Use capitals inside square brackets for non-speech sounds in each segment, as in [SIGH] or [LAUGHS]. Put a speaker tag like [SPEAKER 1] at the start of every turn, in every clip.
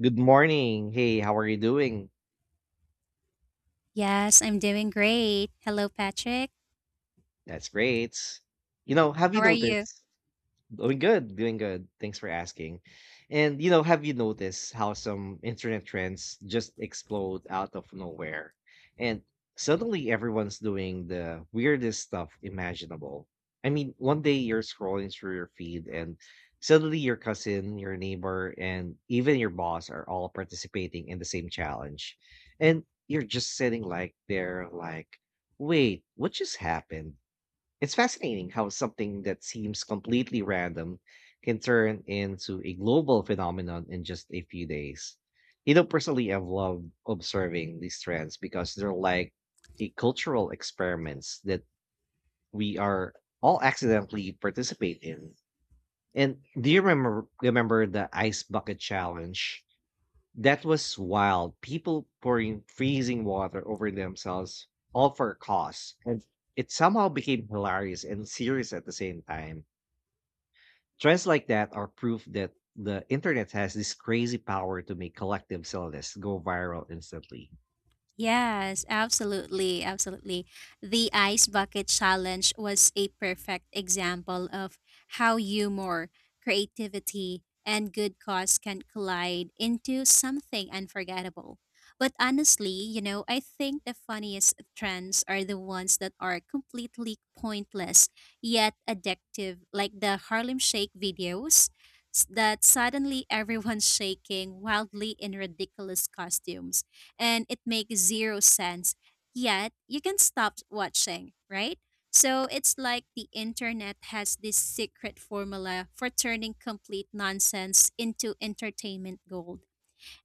[SPEAKER 1] Good morning. Hey, how are you doing?
[SPEAKER 2] Yes, I'm doing great. Hello, Patrick.
[SPEAKER 1] That's great. You know, have you
[SPEAKER 2] How are you?
[SPEAKER 1] noticed? Doing good, doing good. Thanks for asking. And you know, have you noticed how some internet trends just explode out of nowhere? And suddenly everyone's doing the weirdest stuff imaginable. I mean, one day you're scrolling through your feed and suddenly your cousin, your neighbor, and even your boss are all participating in the same challenge. And you're just sitting like there like, wait, what just happened? It's fascinating how something that seems completely random can turn into a global phenomenon in just a few days. You know, personally, I've loved observing these trends because they're like a cultural experiments that we are all accidentally participate in. And do you remember the ice bucket challenge? That was wild. People pouring freezing water over themselves, all for a cause. And it somehow became hilarious and serious at the same time. Trends like that are proof that the internet has this crazy power to make collective silliness go viral instantly.
[SPEAKER 2] Yes, absolutely. The ice bucket challenge was a perfect example of how humor, creativity, and good cause can collide into something unforgettable. But honestly, you know, I think the funniest trends are the ones that are completely pointless yet addictive, like the Harlem Shake videos that suddenly everyone's [LAUGHS] shaking wildly in ridiculous costumes and it makes zero sense, yet you can stop watching, right? So it's like the internet has this secret formula for turning complete nonsense into entertainment gold.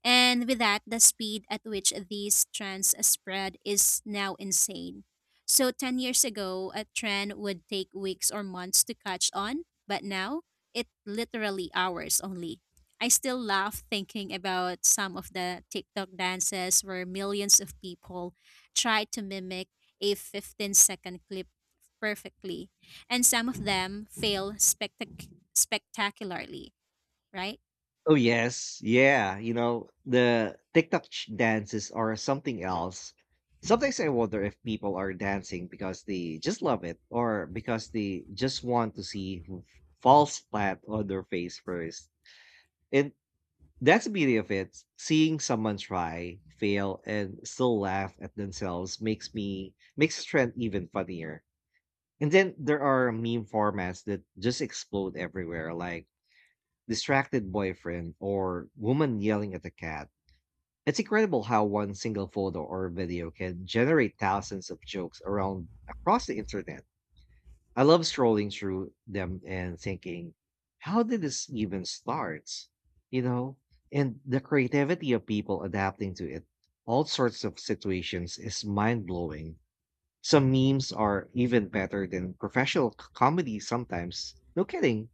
[SPEAKER 2] And with that, the speed at which these trends spread is now insane. So 10 years ago, a trend would take weeks or months to catch on, but now it literally hours only. I still laugh thinking about some of the TikTok dances where millions of people try to mimic a 15-second clip perfectly, and some of them fail spectacularly, right?
[SPEAKER 1] Oh yes, yeah. You know, the TikTok dances are something else. Sometimes I wonder if people are dancing because they just love it or because they just want to see who falls flat on their face first. And that's the beauty of it. Seeing someone try, fail, and still laugh at themselves makes the trend even funnier. And then there are meme formats that just explode everywhere, like distracted boyfriend, or woman yelling at a cat. It's incredible how one single photo or video can generate thousands of jokes around across the internet. I love scrolling through them and thinking, how did this even start? You know, and the creativity of people adapting to it, all sorts of situations is mind blowing. Some memes are even better than professional comedy sometimes. No kidding.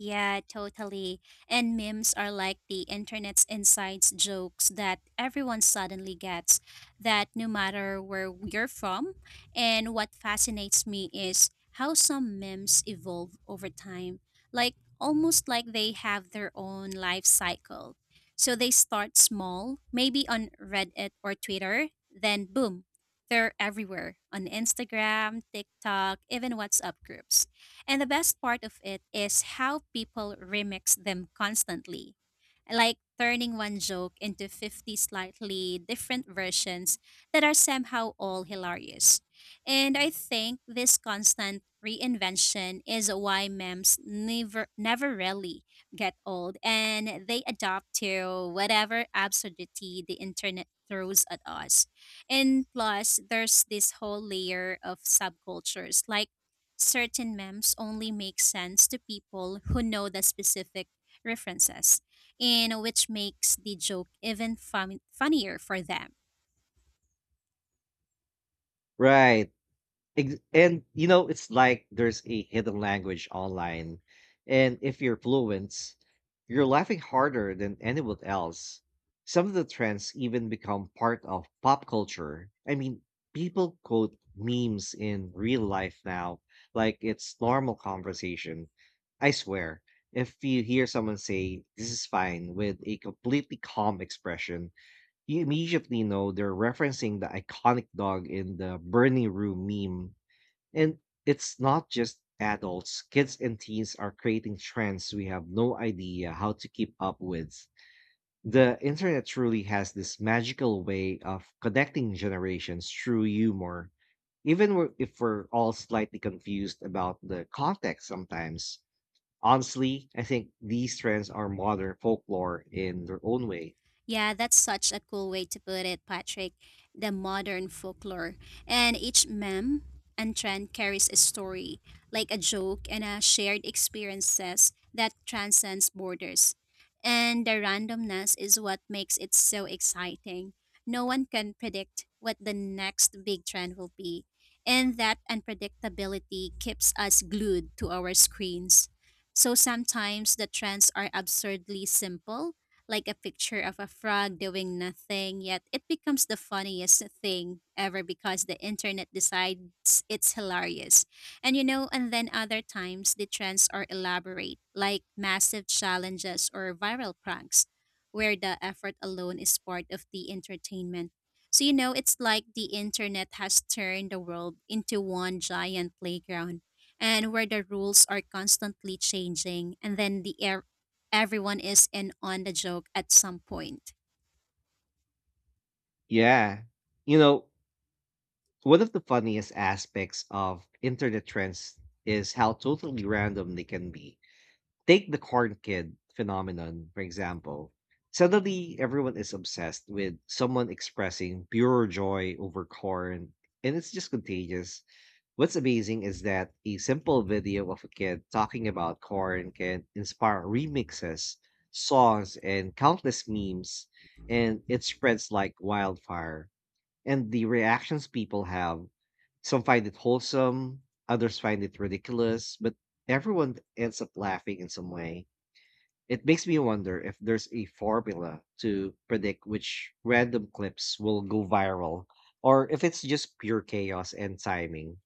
[SPEAKER 2] Yeah, totally. And memes are like the internet's inside jokes that everyone suddenly gets. That no matter where you're from, and what fascinates me is how some memes evolve over time, like almost like they have their own life cycle. So they start small, maybe on Reddit or Twitter, then boom, they're everywhere on Instagram, TikTok, even WhatsApp groups. And the best part of it is how people remix them constantly, like turning one joke into 50 slightly different versions that are somehow all hilarious. And I think this constant reinvention is why memes never really get old and they adapt to whatever absurdity the internet throws at us. And plus there's this whole layer of subcultures like certain memes only make sense to people who know the specific references, and which makes the joke even funnier for them.
[SPEAKER 1] Right. And you know, it's like there's a hidden language online, and if you're fluent, you're laughing harder than anyone else. Some of the trends even become part of pop culture. I mean, people quote memes in real life now, like it's normal conversation. I swear, if you hear someone say this is fine with a completely calm expression, you immediately know they're referencing the iconic dog in the burning room meme. And it's not just adults, kids and teens are creating trends we have no idea how to keep up with. The internet truly has this magical way of connecting generations through humor, even if we're all slightly confused about the context sometimes. Honestly, I think these trends are modern folklore in their own way.
[SPEAKER 2] Yeah, that's such a cool way to put it, Patrick. The modern folklore. And each meme and trend carries a story, like a joke and a shared experiences that transcends borders. And the randomness is what makes it so exciting. No one can predict what the next big trend will be. And that unpredictability keeps us glued to our screens. So sometimes the trends are absurdly simple like a picture of a frog doing nothing, yet it becomes the funniest thing ever because the internet decides it's hilarious. And you know, and then other times the trends are elaborate, like massive challenges or viral pranks, where the effort alone is part of the entertainment. So, you know, it's like the internet has turned the world into one giant playground and where the rules are constantly changing and then the air everyone is in on the joke at some point.
[SPEAKER 1] Yeah. You know, one of the funniest aspects of internet trends is how totally random they can be. Take the corn kid phenomenon, for example. Suddenly, everyone is obsessed with someone expressing pure joy over corn, and it's just contagious. What's amazing is that a simple video of a kid talking about corn can inspire remixes, songs, and countless memes, and it spreads like wildfire. And the reactions people have, some find it wholesome, others find it ridiculous, but everyone ends up laughing in some way. It makes me wonder if there's a formula to predict which random clips will go viral or if it's just pure chaos and timing.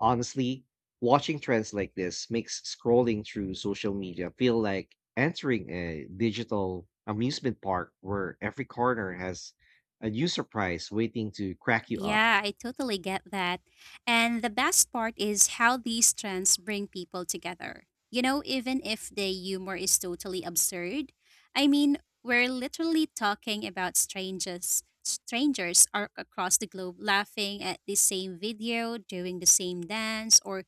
[SPEAKER 1] Honestly, watching trends like this makes scrolling through social media feel like entering a digital amusement park where every corner has a new surprise waiting to crack you up.
[SPEAKER 2] Yeah, I totally get that. And the best part is how these trends bring people together. You know, even if the humor is totally absurd, I mean, we're literally talking about strangers. Strangers are across the globe laughing at the same video, doing the same dance, or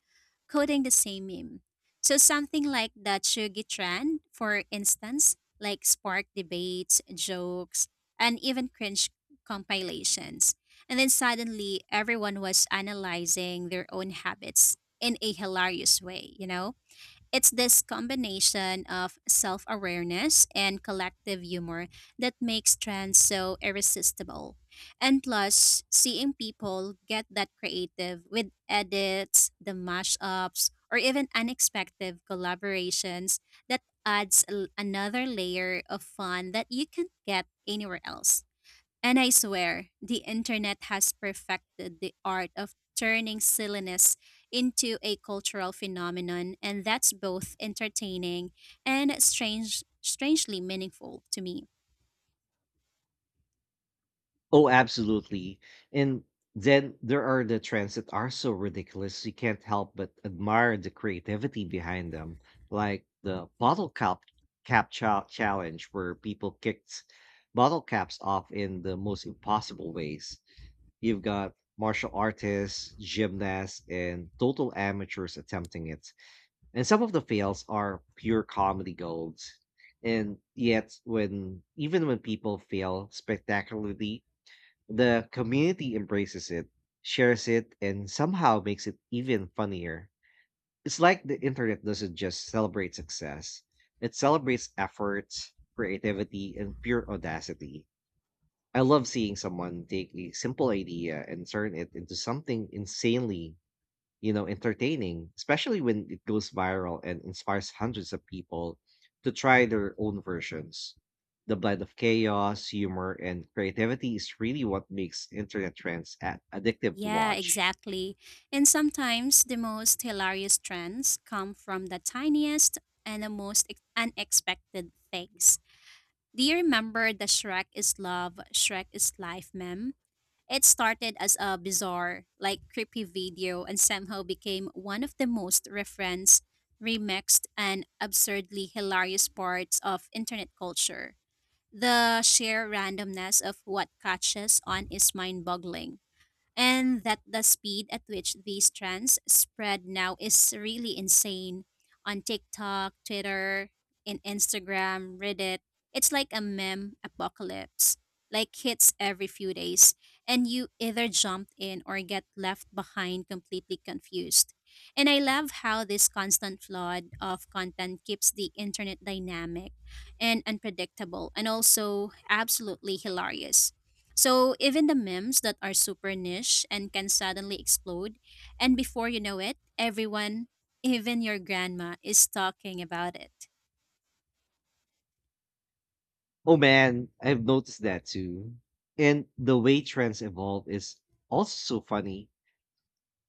[SPEAKER 2] coding the same meme. So something like the Chugi trend, for instance, like spark debates, jokes, and even cringe compilations. And then suddenly, everyone was analyzing their own habits in a hilarious way, you know? It's this combination of self awareness and collective humor that makes trends so irresistible. And plus, seeing people get that creative with edits, the mashups, or even unexpected collaborations that adds another layer of fun that you can't get anywhere else. And I swear, the internet has perfected the art of turning silliness into a cultural phenomenon, and that's both entertaining and strangely meaningful to me.
[SPEAKER 1] Oh, absolutely. And then there are the trends that are so ridiculous you can't help but admire the creativity behind them, like the bottle challenge, where people kicked bottle caps off in the most impossible ways. You've got martial artists, gymnasts, and total amateurs attempting it. And some of the fails are pure comedy gold. And yet, when even when people fail spectacularly, the community embraces it, shares it, and somehow makes it even funnier. It's like the internet doesn't just celebrate success, it celebrates efforts, creativity, and pure audacity. I love seeing someone take a simple idea and turn it into something insanely, you know, entertaining, especially when it goes viral and inspires hundreds of people to try their own versions. The blend of chaos, humor, and creativity is really what makes internet trends addictive to
[SPEAKER 2] Yeah,
[SPEAKER 1] watch.
[SPEAKER 2] exactly. And sometimes the most hilarious trends come from the tiniest and the most unexpected things. Do you remember the Shrek is love, Shrek is life meme? It started as a bizarre, like creepy video and somehow became one of the most referenced, remixed, and absurdly hilarious parts of internet culture. The sheer randomness of what catches on is mind boggling and that the speed at which these trends spread now is really insane. On TikTok, Twitter, in Instagram, Reddit, it's like a meme apocalypse. Like hits every few days, and you either jump in or get left behind completely confused. And I love how this constant flood of content keeps the internet dynamic and unpredictable and also absolutely hilarious so even the memes that are super niche and can suddenly explode, and before you know it, everyone, even your grandma, is talking about it.
[SPEAKER 1] Oh man, I've noticed that too. And the way trends evolve is also funny.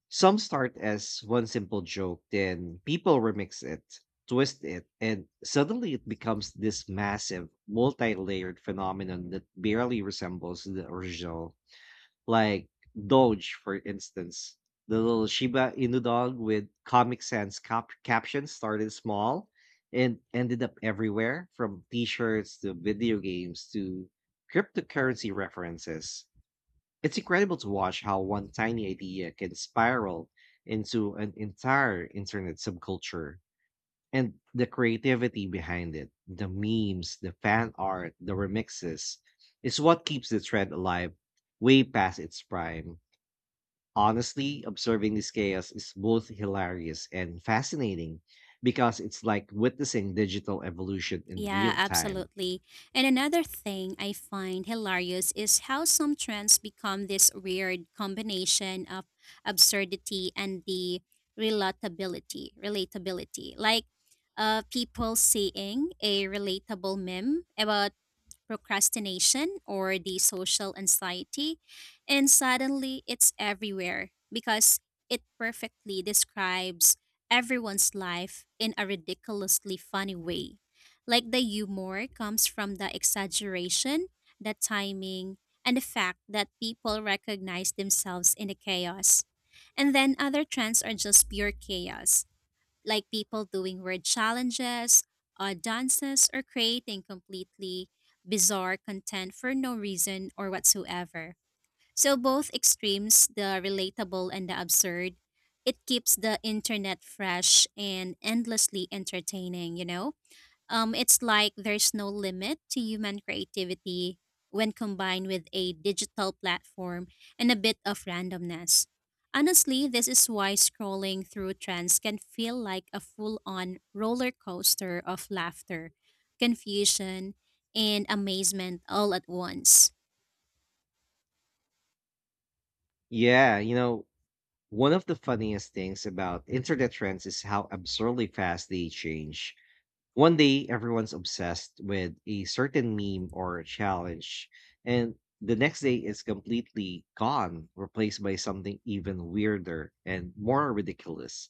[SPEAKER 1] Some start as one simple joke, then people remix it, twist it, and suddenly it becomes this massive, multi layered phenomenon that barely resembles the original. Like Doge, for instance. The little Shiba Inu dog with Comic Sans captions started small and ended up everywhere, from t shirts to video games to cryptocurrency references. It's incredible to watch how one tiny idea can spiral into an entire internet subculture, and the creativity behind it, the memes, the fan art, the remixes, is what keeps the thread alive way past its prime. Honestly, observing this chaos is both hilarious and fascinating because it's like witnessing digital evolution in
[SPEAKER 2] Yeah,
[SPEAKER 1] real time.
[SPEAKER 2] absolutely. And another thing I find hilarious is how some trends become this weird combination of absurdity and the relatability. Like people seeing a relatable meme about procrastination or the social anxiety, and suddenly it's everywhere because it perfectly describes everyone's life in a ridiculously funny way. Like the humor comes from the exaggeration, the timing, and the fact that people recognize themselves in the chaos. And then other trends are just pure chaos like people doing word challenges, odd dances, or creating completely bizarre content for no reason or whatsoever. So, both extremes, the relatable and the absurd, it keeps the internet fresh and endlessly entertaining, you know? It's like there's no limit to human creativity when combined with a digital platform and a bit of randomness. Honestly, this is why scrolling through trends can feel like a full on roller coaster of laughter, confusion, and amazement all at once.
[SPEAKER 1] Yeah, you know, one of the funniest things about internet trends is how absurdly fast they change. One day, everyone's obsessed with a certain meme or challenge, and the next day it's completely gone, replaced by something even weirder and more ridiculous.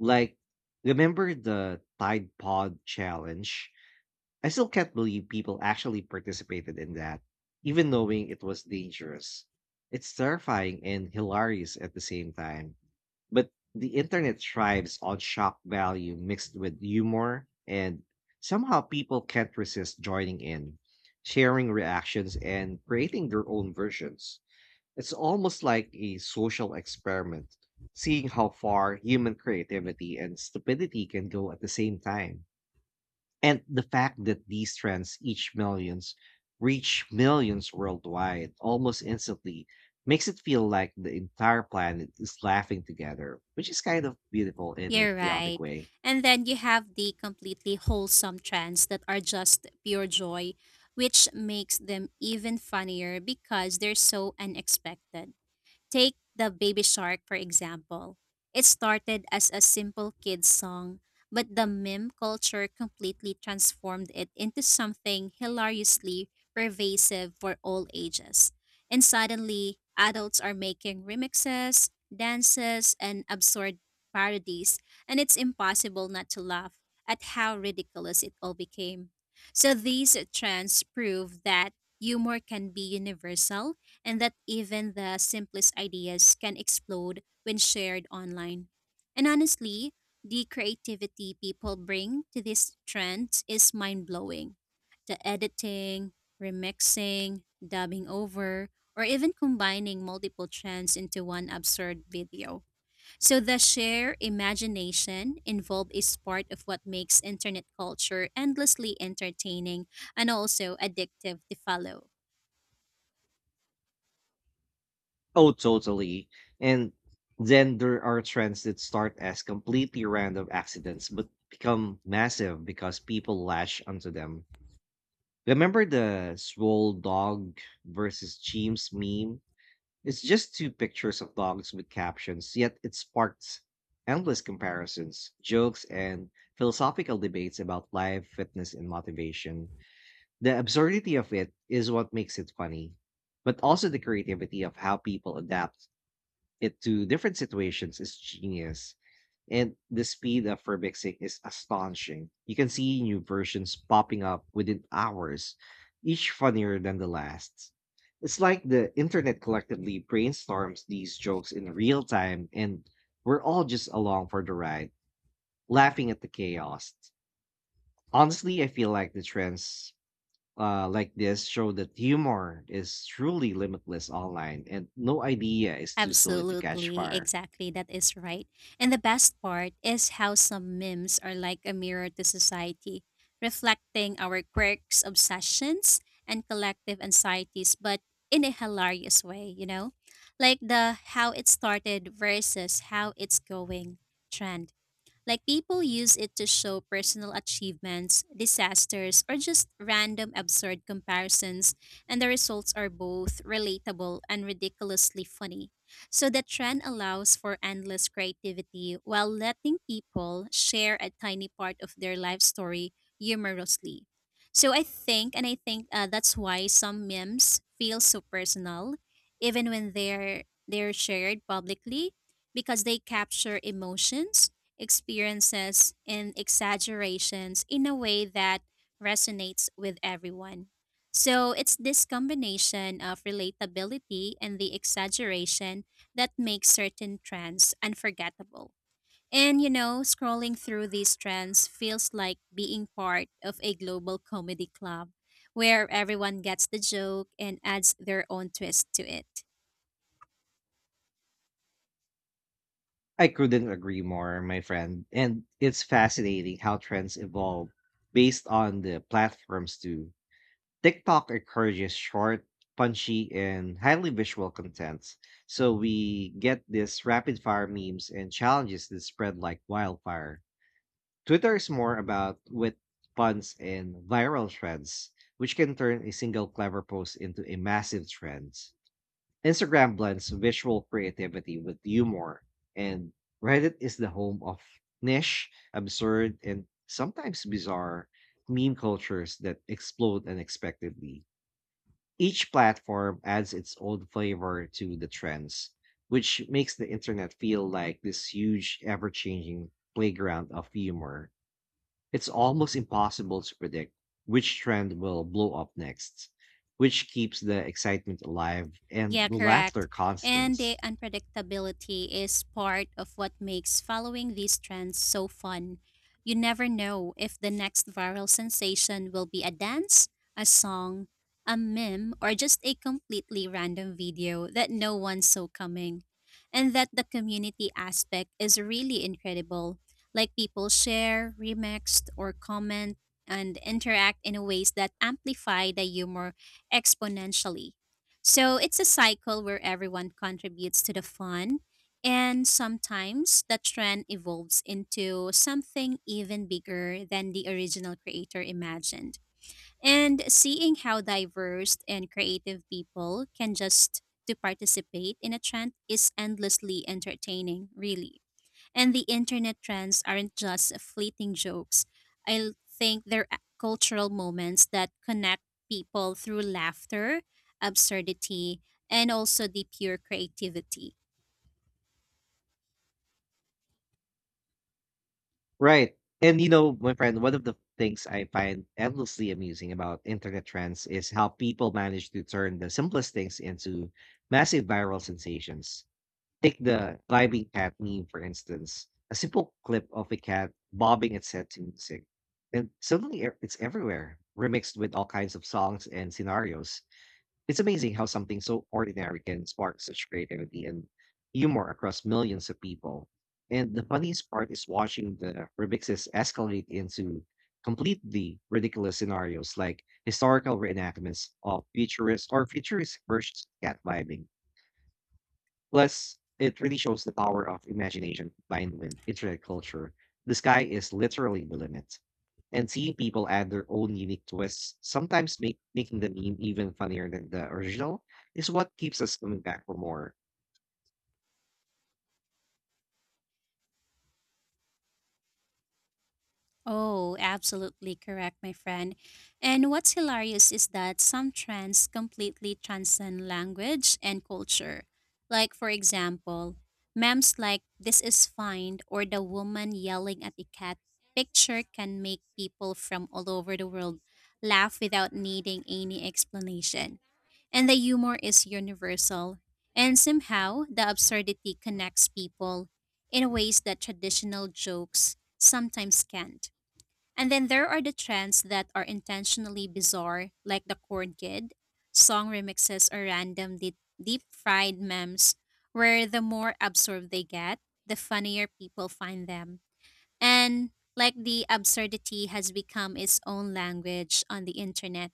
[SPEAKER 1] Like, remember the Tide Pod challenge? I still can't believe people actually participated in that, even knowing it was dangerous. It's terrifying and hilarious at the same time. But the internet thrives on shock value mixed with humor, and somehow people can't resist joining in, sharing reactions, and creating their own versions. It's almost like a social experiment, seeing how far human creativity and stupidity can go at the same time. And the fact that these trends each millions reach millions worldwide almost instantly makes it feel like the entire planet is laughing together, which is kind of beautiful in a
[SPEAKER 2] You're
[SPEAKER 1] chaotic
[SPEAKER 2] right.
[SPEAKER 1] way.
[SPEAKER 2] And then you have the completely wholesome trends that are just pure joy, which makes them even funnier because they're so unexpected. Take the Baby Shark, for example. It started as a simple kid's song, but the meme culture completely transformed it into something hilariously pervasive for all ages. And suddenly, adults are making remixes, dances, and absurd parodies, and it's impossible not to laugh at how ridiculous it all became. So, these trends prove that humor can be universal and that even the simplest ideas can explode when shared online. And honestly, the creativity people bring to these trends is mind blowing. The editing, remixing, dubbing over, or even combining multiple trends into one absurd video. So the sheer imagination involved is part of what makes internet culture endlessly entertaining and also addictive to follow.
[SPEAKER 1] Oh, totally. And then there are trends that start as completely random accidents but become massive because people lash onto them. Remember the swole dog versus James meme? It's just two pictures of dogs with captions, yet it sparked endless comparisons, jokes, and philosophical debates about life, fitness, and motivation. The absurdity of it is what makes it funny, but also the creativity of how people adapt it to different situations is genius, and the speed of remixing is astonishing. You can see new versions popping up within hours, each funnier than the last. It's like the internet collectively brainstorms these jokes in real time, and we're all just along for the ride, laughing at the chaos. Honestly, I feel like the trends like this show that humor is truly limitless online, and no idea is too silly to catch
[SPEAKER 2] Absolutely,
[SPEAKER 1] fire.
[SPEAKER 2] exactly, that is right. And the best part is how some memes are like a mirror to society, reflecting our quirks, obsessions, and collective anxieties, but in a hilarious way, you know? Like the how it started versus how it's going trend. Like people use it to show personal achievements, disasters, or just random absurd comparisons, and the results are both relatable and ridiculously funny. So the trend allows for endless creativity while letting people share a tiny part of their life story humorously. So I think that's why some memes feel so personal, even when they're shared publicly, because they capture emotions experiences, and exaggerations in a way that resonates with everyone. So it's this combination of relatability and the exaggeration that makes certain trends unforgettable. And you know, scrolling through these trends feels like being part of a global comedy club where everyone gets the joke and adds their own twist to it.
[SPEAKER 1] I couldn't agree more, my friend. And it's fascinating how trends evolve based on the platforms too. TikTok encourages short, punchy, and highly visual content. So we get these rapid fire memes and challenges that spread like wildfire. Twitter is more about wit, puns, and viral trends, which can turn a single clever post into a massive trend. Instagram blends visual creativity with humor, and Reddit is the home of niche, absurd, and sometimes bizarre meme cultures that explode unexpectedly. Each platform adds its own flavor to the trends, which makes the internet feel like this huge, ever changing playground of humor. It's almost impossible to predict which trend will blow up next, which keeps the excitement alive and
[SPEAKER 2] Yeah,
[SPEAKER 1] the
[SPEAKER 2] correct.
[SPEAKER 1] laughter constant.
[SPEAKER 2] And the unpredictability is part of what makes following these trends so fun. You never know if the next viral sensation will be a dance, a song, a meme, or just a completely random video that no one saw coming. And that the community aspect is really incredible. Like people share, remixed, or comment and interact in ways that amplify the humor exponentially. So it's a cycle where everyone contributes to the fun, and sometimes the trend evolves into something even bigger than the original creator imagined. And seeing how diverse and creative people can just to participate in a trend is endlessly entertaining, really. And the internet trends aren't just fleeting jokes. Think they're cultural moments that connect people through laughter, absurdity, and also the pure creativity.
[SPEAKER 1] Right. And you know, my friend, one of the things I find endlessly amusing about internet trends is how people manage to turn the simplest things into massive viral sensations. Take the climbing cat meme, for instance, a simple clip of a cat bobbing its head to music. And suddenly it's everywhere, remixed with all kinds of songs and scenarios. It's amazing how something so ordinary can spark such creativity and humor across millions of people. And the funniest part is watching the remixes escalate into completely ridiculous scenarios, like historical reenactments of futurist or futuristic versions of cat vibing. Plus, it really shows the power of imagination combined with internet culture. The sky is literally the limit, and seeing people add their own unique twists, sometimes making the meme even funnier than the original, is what keeps us coming back for more.
[SPEAKER 2] Oh, absolutely correct, my friend. And what's hilarious is that some trends completely transcend language and culture. Like, for example, memes like this is fine or the woman yelling at a cat picture can make people from all over the world laugh without needing any explanation. And the humor is universal. And somehow, the absurdity connects people in ways that traditional jokes sometimes can't. And then there are the trends that are intentionally bizarre, like the Corn Kid, song remixes, or random deep fried memes, where the more absorbed they get, the funnier people find them. And like the absurdity has become its own language on the internet.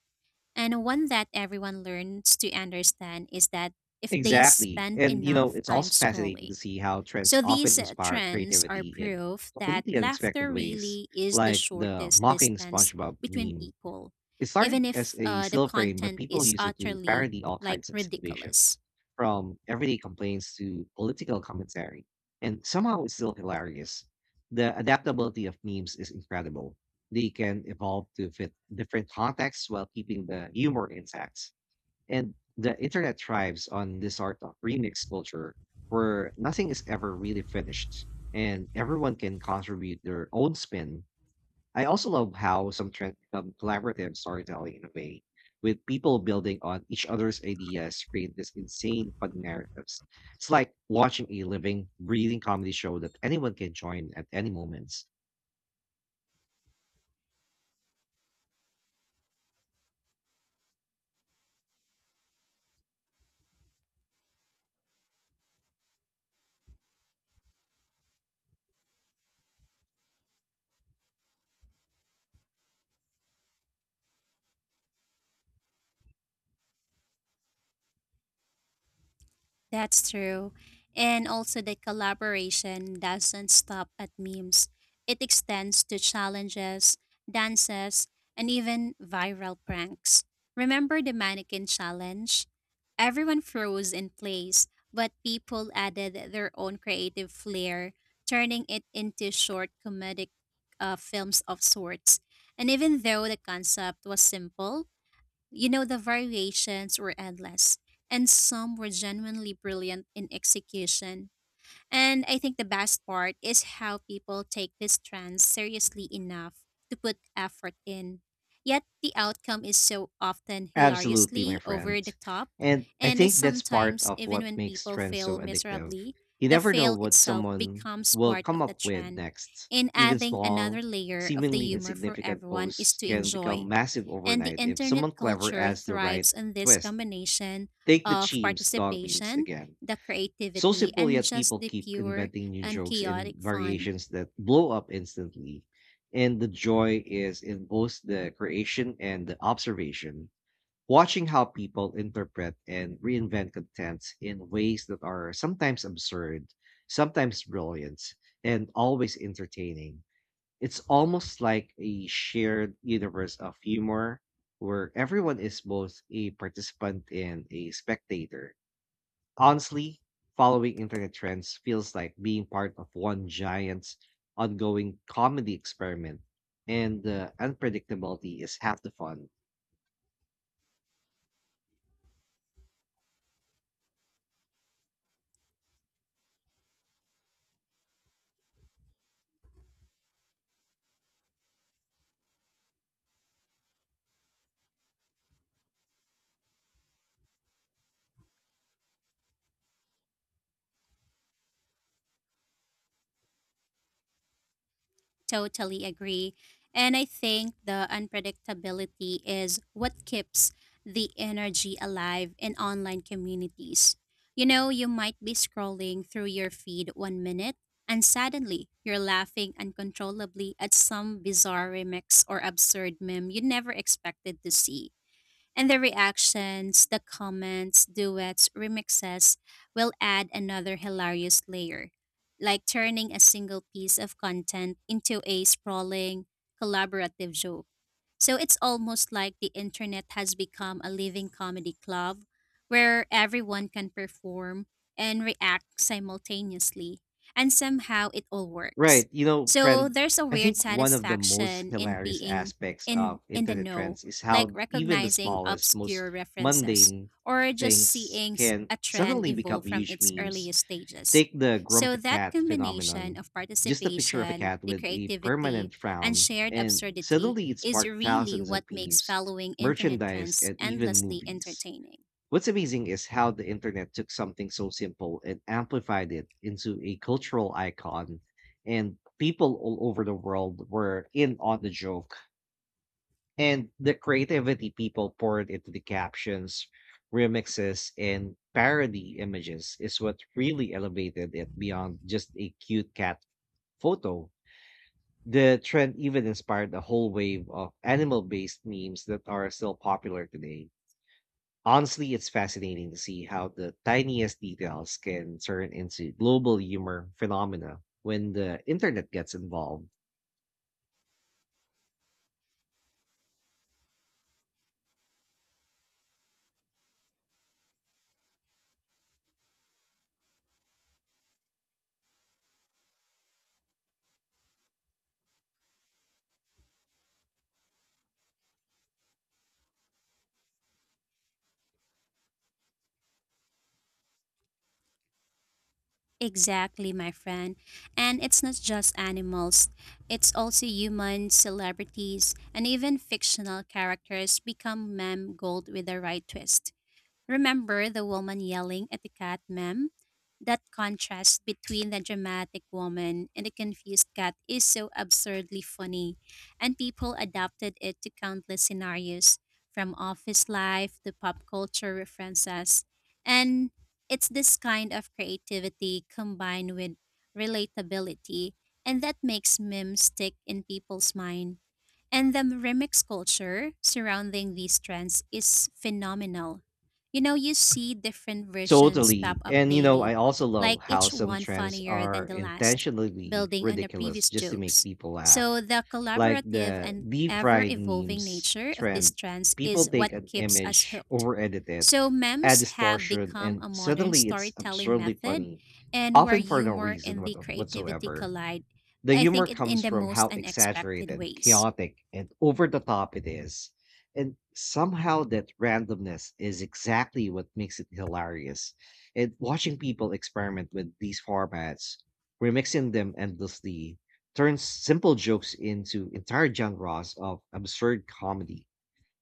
[SPEAKER 2] And one that everyone learns to understand is that if they
[SPEAKER 1] Exactly.
[SPEAKER 2] spend
[SPEAKER 1] And, you know,
[SPEAKER 2] enough
[SPEAKER 1] it's
[SPEAKER 2] time
[SPEAKER 1] also fascinating to
[SPEAKER 2] scrolling.
[SPEAKER 1] see how trends
[SPEAKER 2] So
[SPEAKER 1] often
[SPEAKER 2] these
[SPEAKER 1] inspire
[SPEAKER 2] trends are
[SPEAKER 1] creativity in
[SPEAKER 2] proof that
[SPEAKER 1] completely unexpected
[SPEAKER 2] laughter
[SPEAKER 1] ways,
[SPEAKER 2] really is the
[SPEAKER 1] like the
[SPEAKER 2] shortest
[SPEAKER 1] mocking
[SPEAKER 2] distance
[SPEAKER 1] SpongeBob
[SPEAKER 2] between
[SPEAKER 1] meme.
[SPEAKER 2] people,
[SPEAKER 1] It started
[SPEAKER 2] even
[SPEAKER 1] as
[SPEAKER 2] if
[SPEAKER 1] a
[SPEAKER 2] the
[SPEAKER 1] still frame, but
[SPEAKER 2] content
[SPEAKER 1] people
[SPEAKER 2] is
[SPEAKER 1] use it to
[SPEAKER 2] utterly
[SPEAKER 1] parody all
[SPEAKER 2] like
[SPEAKER 1] kinds of situations,
[SPEAKER 2] ridiculous.
[SPEAKER 1] from everyday complaints to political commentary. And somehow it's still hilarious. The adaptability of memes is incredible. They can evolve to fit different contexts while keeping the humor intact. And the internet thrives on this sort of remix culture where nothing is ever really finished and everyone can contribute their own spin. I also love how some trends become collaborative storytelling in a way, with people building on each other's ideas to create this insane fun narratives. It's like watching a living, breathing comedy show that anyone can join at any moment.
[SPEAKER 2] That's true. And also, the collaboration doesn't stop at memes, it extends to challenges, dances, and even viral pranks. Remember the mannequin challenge? Everyone froze in place, but people added their own creative flair, turning it into short comedic films of sorts. And even though the concept was simple, the variations were endless, and some were genuinely brilliant in execution. And I think the best part is how people take these trends seriously enough to put effort in. Yet the outcome is so often
[SPEAKER 1] Absolutely, my
[SPEAKER 2] hilariously over
[SPEAKER 1] friend.
[SPEAKER 2] the top,
[SPEAKER 1] And I
[SPEAKER 2] and is
[SPEAKER 1] think that's part
[SPEAKER 2] sometimes,
[SPEAKER 1] of
[SPEAKER 2] even
[SPEAKER 1] what
[SPEAKER 2] when
[SPEAKER 1] makes
[SPEAKER 2] people
[SPEAKER 1] trends so
[SPEAKER 2] fail
[SPEAKER 1] addictive.
[SPEAKER 2] miserably,
[SPEAKER 1] You
[SPEAKER 2] the
[SPEAKER 1] never know
[SPEAKER 2] fail
[SPEAKER 1] what
[SPEAKER 2] itself
[SPEAKER 1] someone
[SPEAKER 2] becomes
[SPEAKER 1] will
[SPEAKER 2] part of
[SPEAKER 1] come
[SPEAKER 2] the
[SPEAKER 1] up with
[SPEAKER 2] trend.
[SPEAKER 1] next.
[SPEAKER 2] And
[SPEAKER 1] Even
[SPEAKER 2] adding another
[SPEAKER 1] small,
[SPEAKER 2] layer of the
[SPEAKER 1] seemingly
[SPEAKER 2] humor for
[SPEAKER 1] insignificant
[SPEAKER 2] everyone is
[SPEAKER 1] posts
[SPEAKER 2] to
[SPEAKER 1] can become
[SPEAKER 2] enjoy.
[SPEAKER 1] massive
[SPEAKER 2] And the
[SPEAKER 1] overnight if
[SPEAKER 2] internet
[SPEAKER 1] someone clever
[SPEAKER 2] culture
[SPEAKER 1] adds the right
[SPEAKER 2] thrives on this
[SPEAKER 1] twist.
[SPEAKER 2] combination
[SPEAKER 1] Take the
[SPEAKER 2] of
[SPEAKER 1] chimps dog meals
[SPEAKER 2] participation,
[SPEAKER 1] again.
[SPEAKER 2] the
[SPEAKER 1] So
[SPEAKER 2] creativity,
[SPEAKER 1] simple,
[SPEAKER 2] and
[SPEAKER 1] yet
[SPEAKER 2] just
[SPEAKER 1] people
[SPEAKER 2] the
[SPEAKER 1] keep
[SPEAKER 2] pure
[SPEAKER 1] inventing new
[SPEAKER 2] and
[SPEAKER 1] jokes and
[SPEAKER 2] chaotic fun.
[SPEAKER 1] variations that blow up instantly. And the joy is in both the creation and the observation, watching how people interpret and reinvent content in ways that are sometimes absurd, sometimes brilliant, and always entertaining. It's almost like a shared universe of humor where everyone is both a participant and a spectator. Honestly, following internet trends feels like being part of one giant ongoing comedy experiment, and the unpredictability is half the fun.
[SPEAKER 2] Totally agree. And I think the unpredictability is what keeps the energy alive in online communities. You know, you might be scrolling through your feed one minute, and suddenly you're laughing uncontrollably at some bizarre remix or absurd meme you never expected to see. And the reactions, the comments, duets, remixes will add another hilarious layer, like turning a single piece of content into a sprawling, collaborative joke. So it's almost like the internet has become a living comedy club where everyone can perform and react simultaneously, and somehow it all works.
[SPEAKER 1] Right, you know,
[SPEAKER 2] So
[SPEAKER 1] friend,
[SPEAKER 2] there's a
[SPEAKER 1] I
[SPEAKER 2] weird
[SPEAKER 1] think one of the most
[SPEAKER 2] satisfaction in
[SPEAKER 1] hilarious
[SPEAKER 2] being
[SPEAKER 1] aspects of
[SPEAKER 2] in the
[SPEAKER 1] internet
[SPEAKER 2] know,
[SPEAKER 1] trends is
[SPEAKER 2] like
[SPEAKER 1] how even the
[SPEAKER 2] recognizing
[SPEAKER 1] smallest, most
[SPEAKER 2] obscure references
[SPEAKER 1] mundane
[SPEAKER 2] or just
[SPEAKER 1] things
[SPEAKER 2] seeing
[SPEAKER 1] can
[SPEAKER 2] a trend
[SPEAKER 1] suddenly
[SPEAKER 2] evolve
[SPEAKER 1] become
[SPEAKER 2] from
[SPEAKER 1] huge
[SPEAKER 2] its
[SPEAKER 1] memes.
[SPEAKER 2] earliest stages.
[SPEAKER 1] Take the
[SPEAKER 2] So
[SPEAKER 1] grumpy
[SPEAKER 2] that
[SPEAKER 1] cat
[SPEAKER 2] combination
[SPEAKER 1] phenomenon.
[SPEAKER 2] of
[SPEAKER 1] Just a picture of a
[SPEAKER 2] participation,
[SPEAKER 1] cat
[SPEAKER 2] the
[SPEAKER 1] with a
[SPEAKER 2] creativity,
[SPEAKER 1] permanent
[SPEAKER 2] and
[SPEAKER 1] frown,
[SPEAKER 2] shared
[SPEAKER 1] and
[SPEAKER 2] absurdity
[SPEAKER 1] suddenly it
[SPEAKER 2] is
[SPEAKER 1] sparked
[SPEAKER 2] really
[SPEAKER 1] thousands
[SPEAKER 2] what
[SPEAKER 1] of
[SPEAKER 2] makes
[SPEAKER 1] memes,
[SPEAKER 2] following internet
[SPEAKER 1] merchandise,
[SPEAKER 2] trends
[SPEAKER 1] and even
[SPEAKER 2] endlessly
[SPEAKER 1] movies.
[SPEAKER 2] entertaining.
[SPEAKER 1] What's amazing is how the internet took something so simple and amplified it into a cultural icon, and people all over the world were in on the joke. And the creativity people poured into the captions, remixes, and parody images is what really elevated it beyond just a cute cat photo. The trend even inspired a whole wave of animal based memes that are still popular today. Honestly, it's fascinating to see how the tiniest details can turn into global humor phenomena when the internet gets involved.
[SPEAKER 2] Exactly, my friend. And it's not just animals, it's also humans, celebrities, and even fictional characters become meme gold with the right twist. Remember the woman yelling at the cat, ma'am? That contrast between the dramatic woman and the confused cat is so absurdly funny, and people adapted it to countless scenarios, from office life to pop culture references. And it's this kind of creativity combined with relatability, and that makes memes stick in people's mind. And the remix culture surrounding these trends is phenomenal, you know, you see different versions pop
[SPEAKER 1] Totally.
[SPEAKER 2] up
[SPEAKER 1] And you know, I
[SPEAKER 2] daily,
[SPEAKER 1] also
[SPEAKER 2] like
[SPEAKER 1] love how
[SPEAKER 2] each
[SPEAKER 1] some
[SPEAKER 2] one
[SPEAKER 1] trends
[SPEAKER 2] funnier
[SPEAKER 1] are
[SPEAKER 2] than the last,
[SPEAKER 1] intentionally
[SPEAKER 2] building on the
[SPEAKER 1] ridiculous
[SPEAKER 2] previous
[SPEAKER 1] just to make
[SPEAKER 2] jokes.
[SPEAKER 1] people laugh.
[SPEAKER 2] So, the
[SPEAKER 1] Like
[SPEAKER 2] collaborative
[SPEAKER 1] the
[SPEAKER 2] and
[SPEAKER 1] deep
[SPEAKER 2] ever
[SPEAKER 1] fried
[SPEAKER 2] evolving
[SPEAKER 1] memes
[SPEAKER 2] nature of these
[SPEAKER 1] trend.
[SPEAKER 2] trends
[SPEAKER 1] People
[SPEAKER 2] is what
[SPEAKER 1] take an
[SPEAKER 2] keeps us
[SPEAKER 1] image,
[SPEAKER 2] hooked.
[SPEAKER 1] over edit it,
[SPEAKER 2] So,
[SPEAKER 1] add
[SPEAKER 2] memes have
[SPEAKER 1] distortion,
[SPEAKER 2] become
[SPEAKER 1] and
[SPEAKER 2] a modern
[SPEAKER 1] suddenly it's
[SPEAKER 2] storytelling
[SPEAKER 1] absurdly
[SPEAKER 2] method,
[SPEAKER 1] funny,
[SPEAKER 2] and where
[SPEAKER 1] often for no
[SPEAKER 2] humor
[SPEAKER 1] reason
[SPEAKER 2] and the creativity
[SPEAKER 1] whatsoever.
[SPEAKER 2] collide,
[SPEAKER 1] The
[SPEAKER 2] I
[SPEAKER 1] humor
[SPEAKER 2] think, in
[SPEAKER 1] comes
[SPEAKER 2] the
[SPEAKER 1] from
[SPEAKER 2] most
[SPEAKER 1] how
[SPEAKER 2] unexpected
[SPEAKER 1] exaggerated,
[SPEAKER 2] ways.
[SPEAKER 1] chaotic, and over the top it is. And somehow that randomness is exactly what makes it hilarious. And watching people experiment with these formats, remixing them endlessly, turns simple jokes into entire genres of absurd comedy.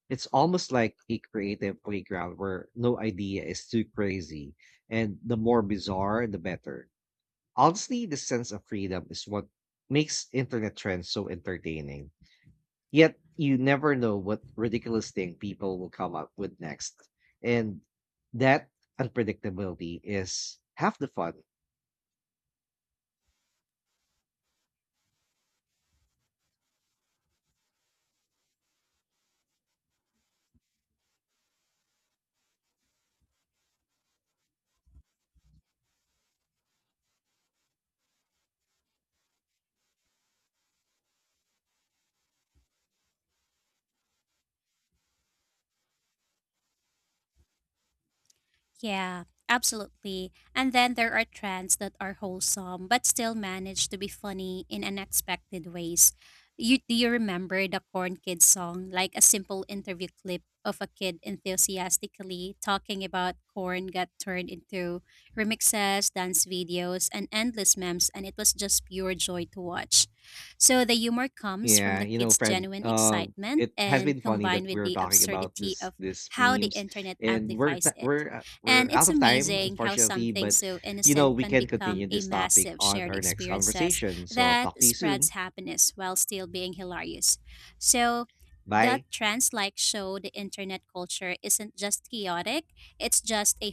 [SPEAKER 1] It's almost like a creative playground where no idea is too crazy, and the more bizarre, the better. Honestly, the sense of freedom is what makes internet trends so entertaining. Yet, you never know what ridiculous thing people will come up with next. And that unpredictability is half the fun.
[SPEAKER 2] Yeah, absolutely. And then there are trends that are wholesome but still manage to be funny in unexpected ways. You remember the Corn Kid song, like a simple interview clip of a kid enthusiastically talking about corn got turned into remixes, dance videos, and endless memes, and it was just pure joy to watch. So the humor comes from
[SPEAKER 1] Yeah,
[SPEAKER 2] the
[SPEAKER 1] you know,
[SPEAKER 2] kids'
[SPEAKER 1] friend,
[SPEAKER 2] genuine excitement
[SPEAKER 1] it has been
[SPEAKER 2] and
[SPEAKER 1] funny that
[SPEAKER 2] combined with
[SPEAKER 1] we're
[SPEAKER 2] the
[SPEAKER 1] talking about
[SPEAKER 2] absurdity
[SPEAKER 1] this
[SPEAKER 2] of
[SPEAKER 1] this
[SPEAKER 2] how the
[SPEAKER 1] memes,
[SPEAKER 2] internet
[SPEAKER 1] and we're
[SPEAKER 2] amplifies
[SPEAKER 1] t-
[SPEAKER 2] it.
[SPEAKER 1] we're
[SPEAKER 2] And
[SPEAKER 1] out
[SPEAKER 2] it's
[SPEAKER 1] of time,
[SPEAKER 2] amazing how
[SPEAKER 1] unfortunately,
[SPEAKER 2] something
[SPEAKER 1] but
[SPEAKER 2] so
[SPEAKER 1] you know,
[SPEAKER 2] innocent
[SPEAKER 1] we
[SPEAKER 2] can
[SPEAKER 1] can
[SPEAKER 2] become
[SPEAKER 1] continue
[SPEAKER 2] a
[SPEAKER 1] this topic
[SPEAKER 2] massive
[SPEAKER 1] on
[SPEAKER 2] shared
[SPEAKER 1] our next
[SPEAKER 2] experiences
[SPEAKER 1] conversation. So talk
[SPEAKER 2] that
[SPEAKER 1] to you soon.
[SPEAKER 2] spreads happiness while still being hilarious. So that
[SPEAKER 1] Bye.
[SPEAKER 2] trends like show the internet culture isn't just chaotic, it's just a